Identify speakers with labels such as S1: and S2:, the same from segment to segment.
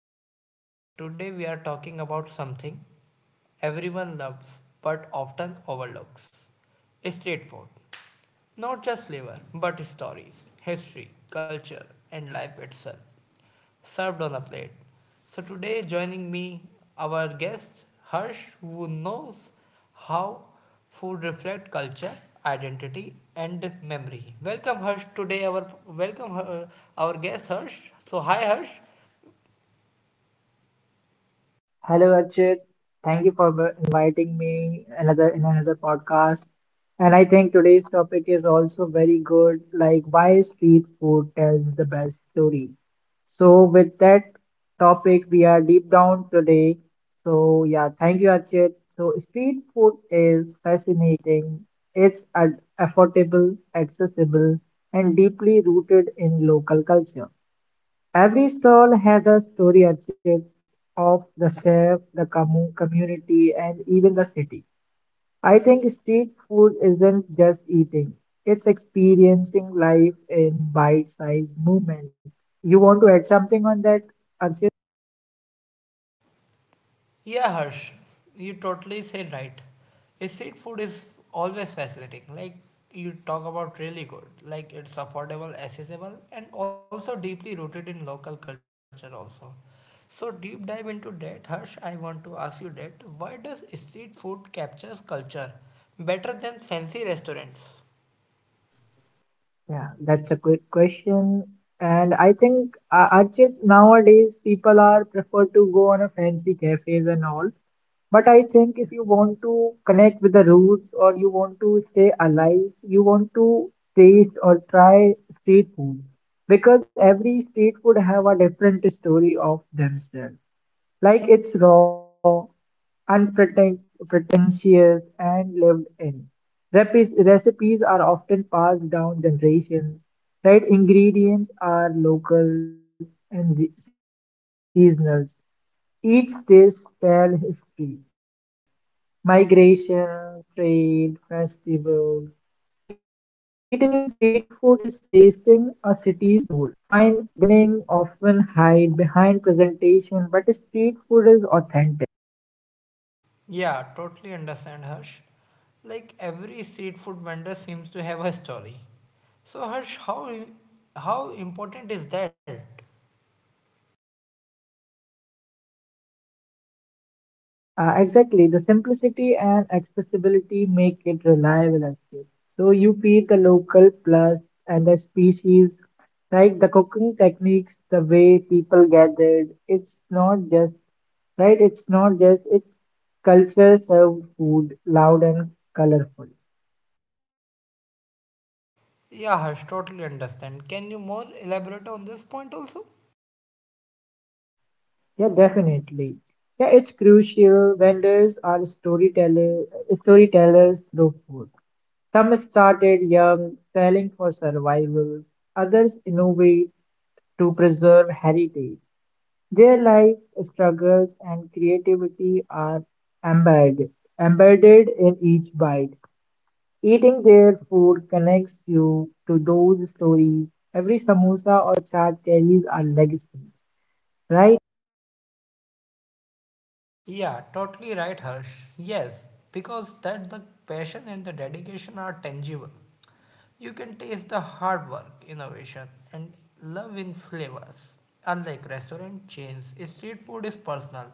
S1: podcast. Today, we are talking about something everyone loves but often overlooks: street food. Not just flavor, but stories, history, culture, and life itself served on a plate. So today joining me our guest Harsh who knows how food reflects culture, identity and memory. Welcome Harsh today our welcome our guest Harsh. So hi Harsh.
S2: Hello, Archit. Thank you for inviting me another in another podcast. And I think today's topic is also very good, like why street food tells the best story. So with that topic, we are deep down today. So yeah, thank you, Archit. So street food is fascinating. It's affordable, accessible, and deeply rooted in local culture. Every stall has a story archive of the chef, the community, and even the city. I think street food isn't just eating, it's experiencing life in bite sized movements. You want to add something on that, Archit?
S1: Yeah, Harsh, you totally said right. A Street food is always fascinating. Like you talk about really good. Like it's affordable, accessible, and also deeply rooted in local culture also. So deep dive into that, Harsh, I want to ask you that why does street food captures culture better than fancy restaurants?
S2: Yeah, that's a good question. And I think, Achit, nowadays people are prefer to go on a fancy cafes and all. But I think if you want to connect with the roots or you want to stay alive, you want to taste or try street food because every street food have a different story of themselves. Like it's raw, pretentious and lived in. Recipes are often passed down generations, right? Ingredients are local and seasonal. Each dish tells history, migration, trade, festivals. Eating street food is tasting a city's soul. Fine dining often hide behind presentation, but street food is authentic.
S1: Yeah, totally understand, Harsh. Like every street food vendor seems to have a story. So, Harsh, how important is that?
S2: Exactly. The simplicity and accessibility make it reliable actually. So you feel the local plus and the species, right? The cooking techniques, the way people gathered. It's not just, right? It's not just, it's culture served food, loud and colorful.
S1: Yeah, Harsh, totally understand. Can you more elaborate on this point also?
S2: Yeah, definitely. Yeah, it's crucial. Vendors are storytellers through food. Some started young, selling for survival. Others innovate to preserve heritage. Their life struggles and creativity are embedded, embedded in each bite. Eating their food connects you to those stories. Every samosa or chaat carries a legacy, right?
S1: Yeah, totally right, Harsh. Yes, because that the passion and the dedication are tangible. You can taste the hard work, innovation, and love in flavors. Unlike restaurant chains, street food is personal,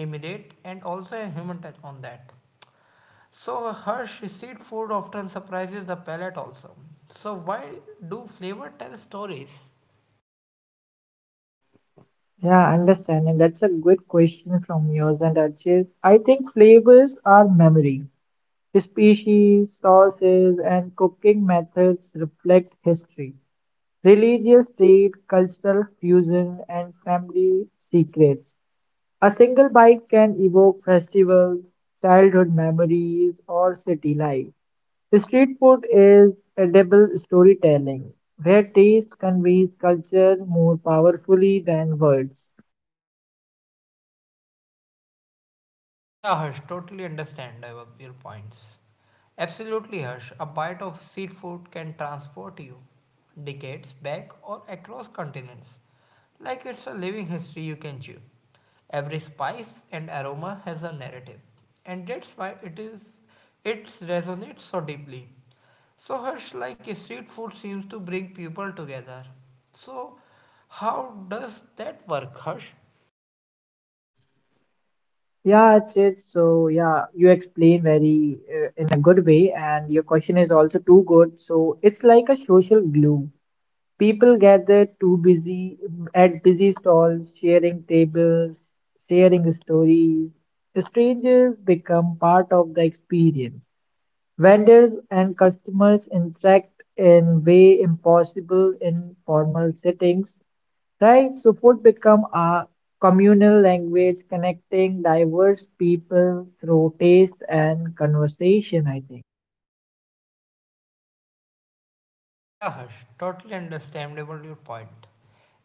S1: immediate, and also a human touch on that. So, Harsh, street food often surprises the palate also. So, why do flavor tell stories?
S2: Yeah, understand. And that's a good question from yours and Archie. I think flavors are memory. Species, sauces, and cooking methods reflect history, religious trade, cultural fusion, and family secrets. A single bite can evoke festivals, childhood memories, or city life. Street food is edible storytelling, where taste conveys culture more powerfully than words.
S1: Yeah, Harsh, totally understand about your points. Absolutely, Harsh. A bite of seafood can transport you decades back or across continents. Like it's a living history you can chew. Every spice and aroma has a narrative, and that's why it resonates so deeply. So Harsh, like street food seems to bring people together. So how does that work, Harsh?
S2: Yeah, it's it. So yeah, you explain very in a good way, and your question is also too good. So it's like a social glue. People gather too busy at busy stalls, sharing tables, sharing stories. Strangers become part of the experience. Vendors and customers interact in way impossible in formal settings, right? So food become a communal language connecting diverse people through taste and conversation, I think.
S1: Yeah, Harsh, totally understandable your point.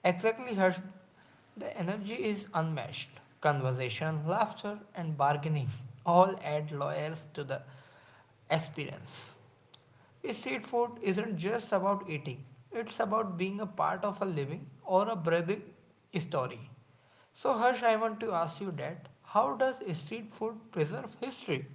S1: Exactly, Harsh. The energy is unmatched. Conversation, laughter, and bargaining all add layers to the experience. Street food isn't just about eating, it's about being a part of a living or a breathing story. So, Harsh, I want to ask you that how does street food preserve history?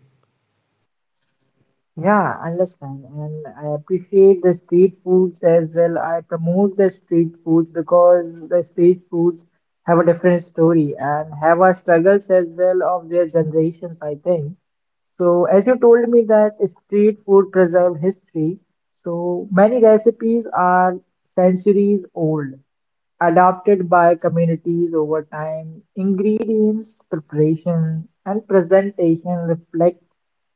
S2: Yeah, understand. And I appreciate the street foods as well. I promote the street foods because the street foods have a different story and have our struggles as well of their generations, I think. So, as you told me that street food preserve history, so many recipes are centuries old adopted by communities over time. Ingredients, preparation, and presentation reflect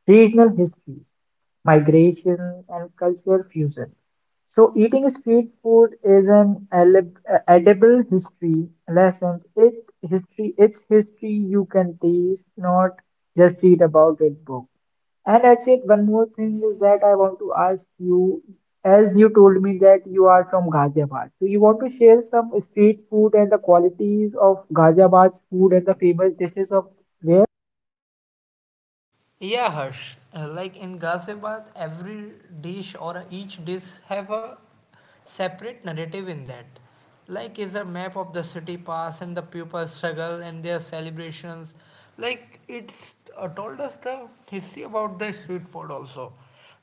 S2: regional histories, migration, and cultural fusion. So, eating street food is an edible history lessons. Its history you can taste, not just read about it book. And Achit, one more thing is that I want to ask you, as you told me that you are from Ghaziabad, so you want to share some street food and the qualities of Ghaziabad's food and the famous dishes of there?
S1: Yeah, Harsh. Like in Ghaziabad, every dish or each dish have a separate narrative in that. Like is a map of the city past and the people's struggle and their celebrations. Like it's told us the history about the street food also.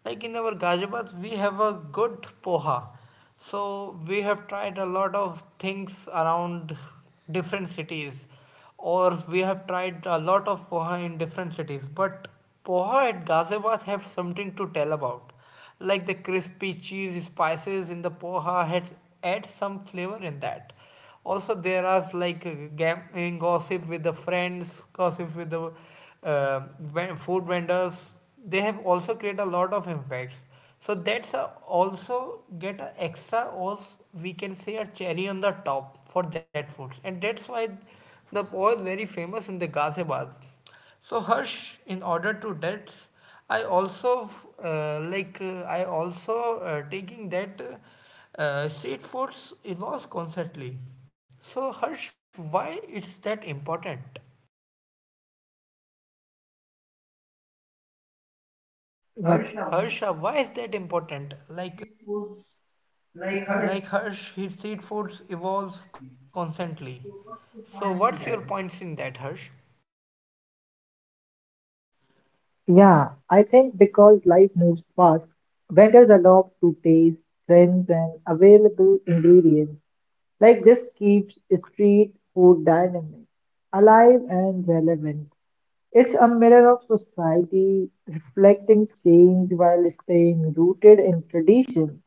S1: Like in our Ghaziabad, we have a good poha. So we have tried a lot of things around different cities or we have tried a lot of poha in different cities, but poha at ghaziabad have something to tell about, like the crispy cheese spices in the poha had add some flavor in that. Also there are like gambling gossip with the friends, gossip with the uh, food vendors. They have also created a lot of impacts, so that's a also get a extra, or we can say a cherry on the top for that food. And that's why the pav is very famous in the Ghaziabad. So Harsh, in order to that, I also I also taking that street foods evolves constantly. So Harsh, why it's that important?
S2: Yeah, sure.
S1: Harsha, why is that important? Like Harsh, his street foods evolves constantly. So what's your points in that, Harsh?
S2: Yeah, I think because life moves fast, vendors adopt to taste, trends, and available ingredients. Like this keeps street food dynamic, alive and relevant. It's a mirror of society, reflecting change while staying rooted in tradition.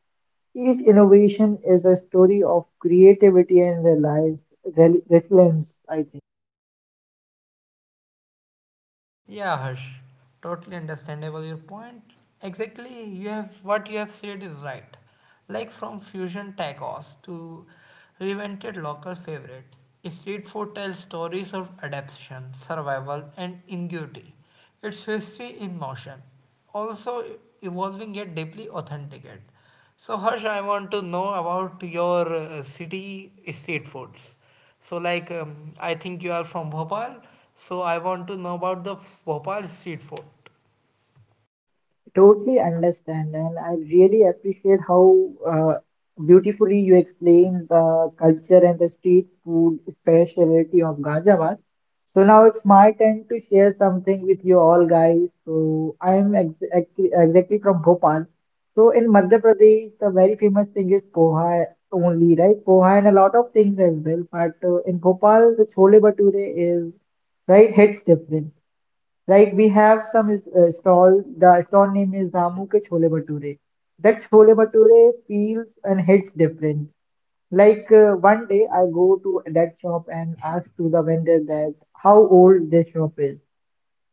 S2: Each innovation is a story of creativity and reliance, resilience, I think.
S1: Yeah, Harsh, totally understandable your point. Exactly, you have what you have said is right. Like from fusion tacos to reinvented local favorite, street food tells stories of adaptation, survival, and ingenuity. It's history in motion, also evolving yet deeply authenticated. So, Harsh, I want to know about your city street foods. So like I think you are from Bhopal, so I want to know about the Bhopal street food.
S2: Totally understand, and I really appreciate how beautifully you explain the culture and the street food specialty of Ghaziabad. So now it's my turn to share something with you all, guys. So I am exactly from Bhopal. So in Madhya Pradesh, the very famous thing is poha only, right? Poha and a lot of things as well. But in Bhopal, the chole bhature is right hits different. Like we have some stall, the stall name is Ramu ke Chhole Bhature. That Chhole Bhature feels and hits different. Like one day I go to that shop and ask to the vendor that how old this shop is.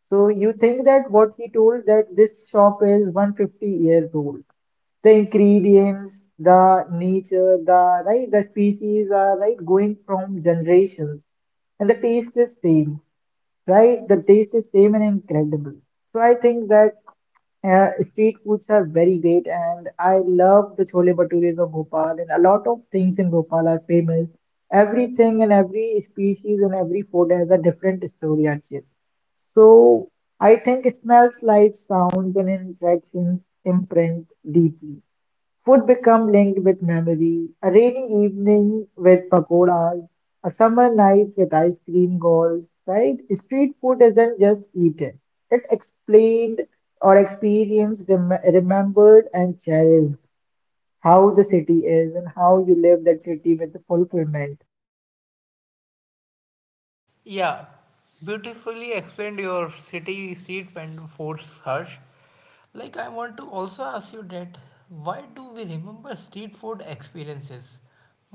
S2: So you think that what he told that this shop is 150 years old. The ingredients, the nature, the right, the species are right going from generations, and the taste is same, right? The taste is same and incredible. So I think that street foods are very great, and I love the chole bhatures of Bhopal, and a lot of things in Bhopal are famous. Everything and every species and every food has a different story actually. So I think smells, lights, sounds, and interactions imprint deeply. Food become linked with memory. A rainy evening with pakoras, a summer night with ice cream goals, right? Street food isn't just eaten. It explained or experienced, remembered and cherished how the city is and how you live that city with the fulfillment.
S1: Yeah, beautifully explained your city street and foods, Harsh. Like I want to also ask you that why do we remember street food experiences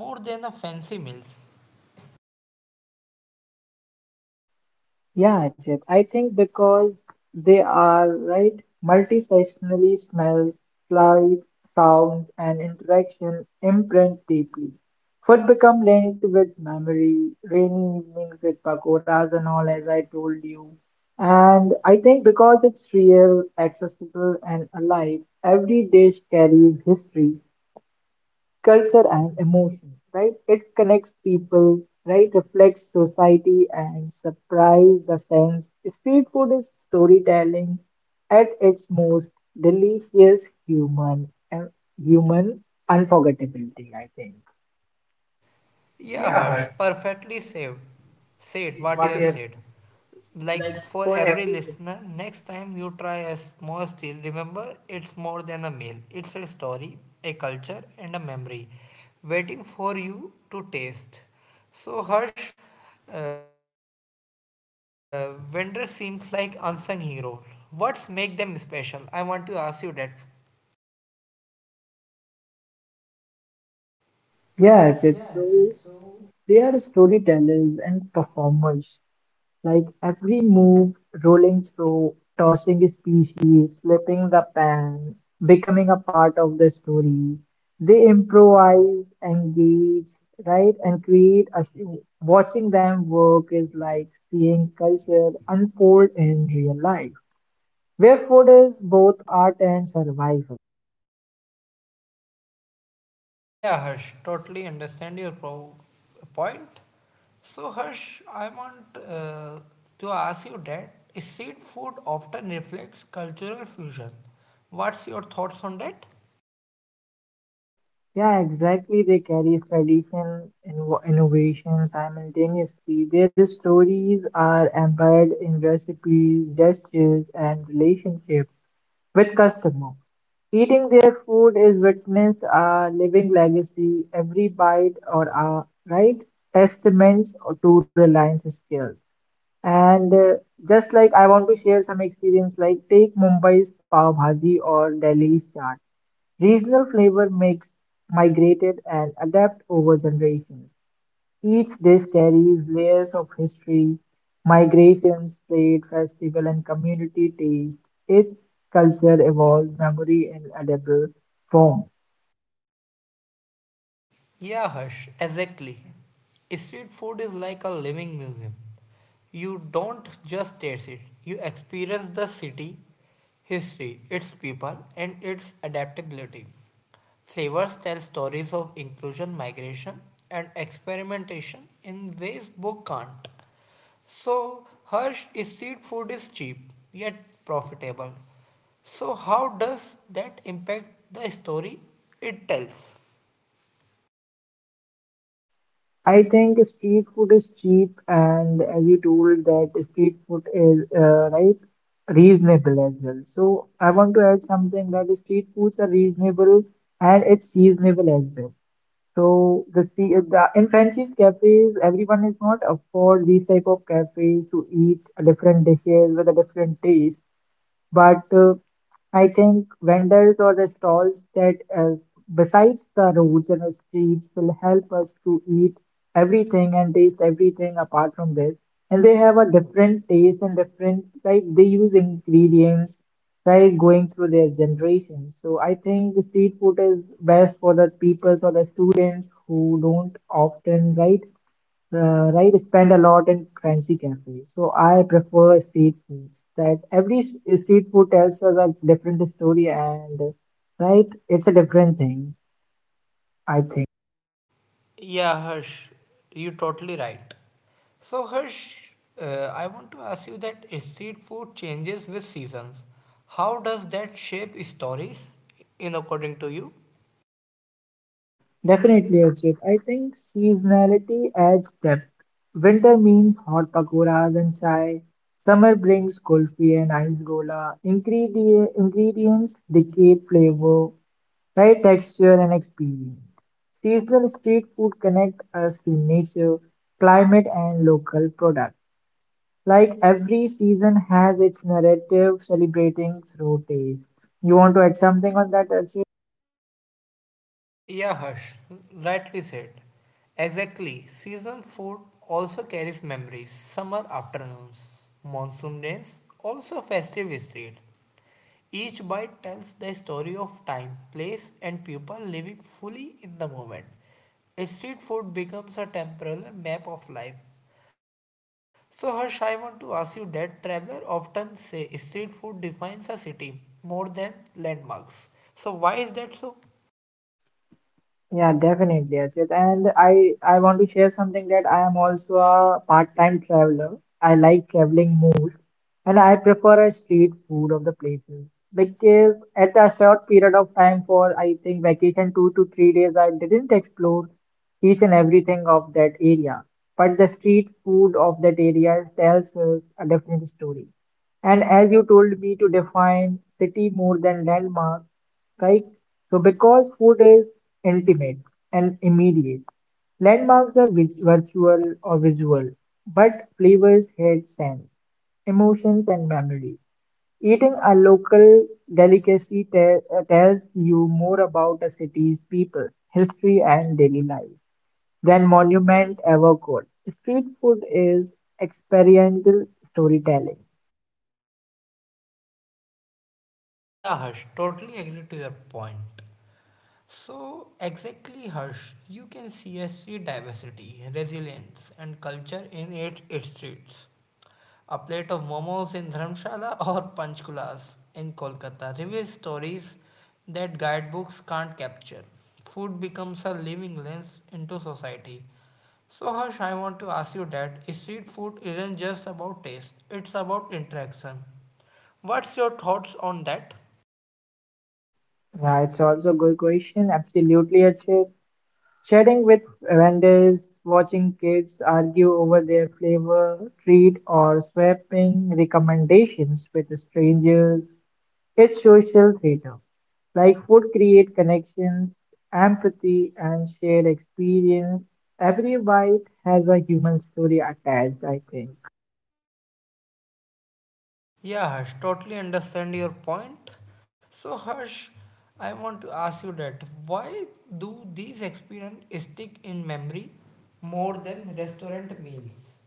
S1: more than the fancy meals?
S2: Yeah, Ajit. I think because they are right multi-sectionally smells, slides, sounds, and interaction imprint deeply. Food become linked with memory, rainy evenings with pakoras and all, as I told you. And I think because it's real, accessible, and alive, every dish carries history culture and emotion, right? It connects people, right? Reflects society and surprise the sense. Street food is storytelling at its most delicious human and human unforgettability, I think.
S1: Yeah,
S2: Yeah,
S1: Harsh,
S2: Harsh.
S1: perfectly saved. Said what you
S2: What
S1: have
S2: is
S1: said.
S2: like
S1: Like for
S2: for
S1: every
S2: everything?
S1: listener, next time you try a small steal, remember it's more than a meal. It's a story, a culture, and a memory waiting for you to taste. So, Harsh, vendor seems like unsung hero. What's make them special? I want to ask you that. Yeah,
S2: Yes,
S1: Ajit.
S2: it's so
S1: So
S2: they are storytellers and performers. Like every move, rolling through, tossing species, flipping the pen, becoming a part of the story. They improvise, engage, right, and create a show. Watching them work is like seeing culture unfold in real life, where food is both art and survival.
S1: yeah, Harsh, totally understand your point. So, Harsh, I want to ask you that: Is street food often reflects cultural fusion. What's your thoughts on that?
S2: Yeah, exactly. They carry tradition and innovation simultaneously. Their stories are embedded in recipes, gestures, and relationships with customer. Eating their food is witnessed a living legacy, every bite or a right testaments to Reliance skills. And just like I want to share some experience, like take Mumbai's pav bhaji or Delhi's chaat. Regional flavor makes migrated and adapt over generations. Each dish carries layers of history, migrations, trade, festival, and community taste. Its culture evolves memory in edible form.
S1: Yeah, Harsh, exactly. Street food is like a living museum. You don't just taste it, you experience the city, history, its people, and its adaptability. Flavors tell stories of inclusion, migration, and experimentation in ways book can't. So, Harsh, street food is cheap yet profitable. So, how does that impact the story it tells?
S2: I think street food is cheap, and as you told that street food is right reasonable as well. So I want to add something that street foods are reasonable and it's seasonable as well. So the sea the in fancy cafes, everyone is not afford these type of cafes to eat different dishes with a different taste. But I think vendors or the stalls that, besides the roads and the streets, will help us to eat everything and taste everything apart from this. And they have a different taste and different, like, they use ingredients, right, going through their generations. So I think the street food is best for the people or the students who don't often, right? Right spend a lot in fancy cafes so I prefer street foods that every street food tells us a different story and right it's a different thing I think
S1: Yeah, Harsh, you're totally right. So, Harsh, I want to ask you that street food changes with seasons. How does that shape stories, in according to you?
S2: definitely Ajit. I think seasonality adds depth. Winter means hot pakoras and chai. Summer brings kulfi and ice gola. Ingredients dictate flavor, right, texture and experience. Seasonal street food connect us to nature, climate, and local products. Like every season has its narrative celebrating through taste. You want to add something on that, Archie?
S1: Yeah, Harsh, rightly said. Exactly, season food also carries memories. Summer afternoons, monsoon days, also festive streets. Each bite tells the story of time, place, and people living fully in the moment. Street food becomes a temporal map of life. So, Harsh, I want to ask you that travelers often say street food defines a city more than landmarks. So, why is that so?
S2: Yeah, definitely, Ajit. And I want to share something that I am also a part-time traveler. I like traveling most, and I prefer a street food of the places because at a short period of time for I think vacation 2 to 3 days, I didn't explore each and everything of that area. But the street food of that area tells us a different story. And as you told me to define city more than landmark. Right. So because food is ultimate and immediate, landmarks are virtual or visual, but flavors had sense, emotions, and memory. Eating a local delicacy tells you more about a city's people, history, and daily life than monument ever could. Street food is experiential storytelling.
S1: Yeah, Harsh, totally agree to your point. So, exactly, Harsh, you can see a street diversity, resilience, and culture in it, its streets. A plate of momos in Dharamshala or panchkulas in Kolkata reveals stories that guidebooks can't capture. Food becomes a living lens into society. So, Harsh, I want to ask you that street food isn't just about taste, it's about interaction. What's your thoughts on that?
S2: Yeah, it's also a good question. Absolutely, Achit. Chatting with vendors, watching kids argue over their flavor, treat, or swapping recommendations with strangers. It's social theater. Like food create connections, empathy, and shared experience. Every bite has a human story attached, I think.
S1: Yeah, Harsh, totally understand your point. So, Harsh, I want to ask you that why do these experiences stick in memory more than restaurant meals?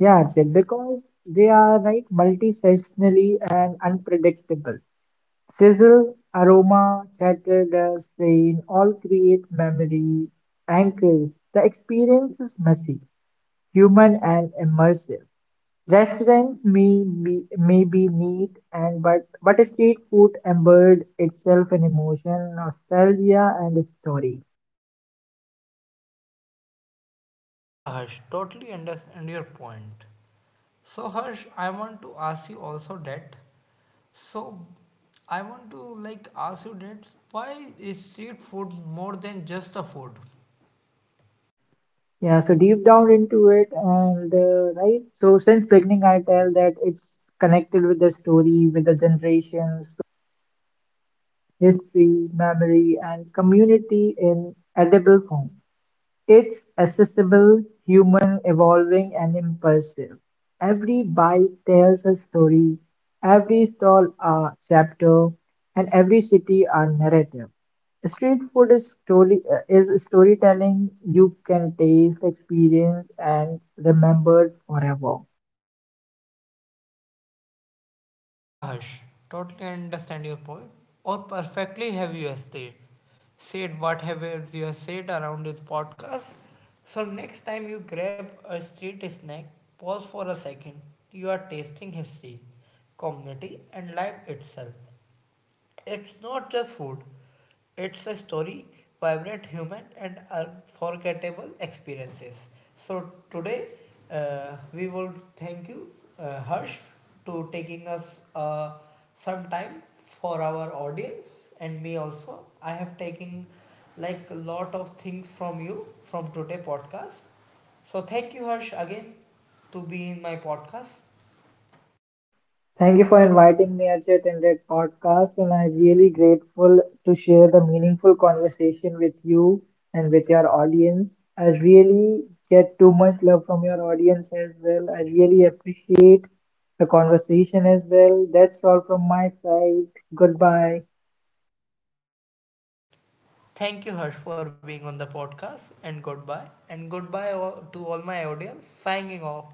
S2: Yeah, Jit, because they are like multi-seasonally and unpredictable. Sizzle, aroma, chatter, dust, rain all create memory anchors. The experience is messy, human, and immersive. Restaurants may be neat, but street food embodied itself in emotion, nostalgia, and its story.
S1: Yeah, Harsh, totally understand your point. So, Harsh, I want to ask you also that. So, I want to like ask you that why is street food more than just a food?
S2: Yeah, so deep down into it, and right. So since beginning, I tell that it's connected with the story, with the generations, history, memory, and community in edible form. It's accessible, human, evolving, and impulsive. Every bite tells a story, every stall a chapter, and every city a narrative. Street food is story is storytelling you can taste, experience, and remember forever.
S1: Yeah, Harsh, totally understand your point, or perfectly have you said, said what have you have said around this podcast. So next time you grab a street snack, pause for a second. You are tasting history, community, and life itself. It's not just food, it's a story, vibrant human, and unforgettable experiences. So, today we will thank you, Harsh, to taking us some time for our audience and me also. I have taken like a lot of things from you from today podcast. So, thank you, Harsh, again to be in my podcast.
S2: Thank you for inviting me, Ajit, in that podcast, and I'm really grateful to share the meaningful conversation with you and with your audience. I really get too much love from your audience as well. I really appreciate the conversation as well. That's all from my side. Goodbye.
S1: Thank you, Harsh, for being on the podcast, and goodbye. And goodbye to all my audience, signing off.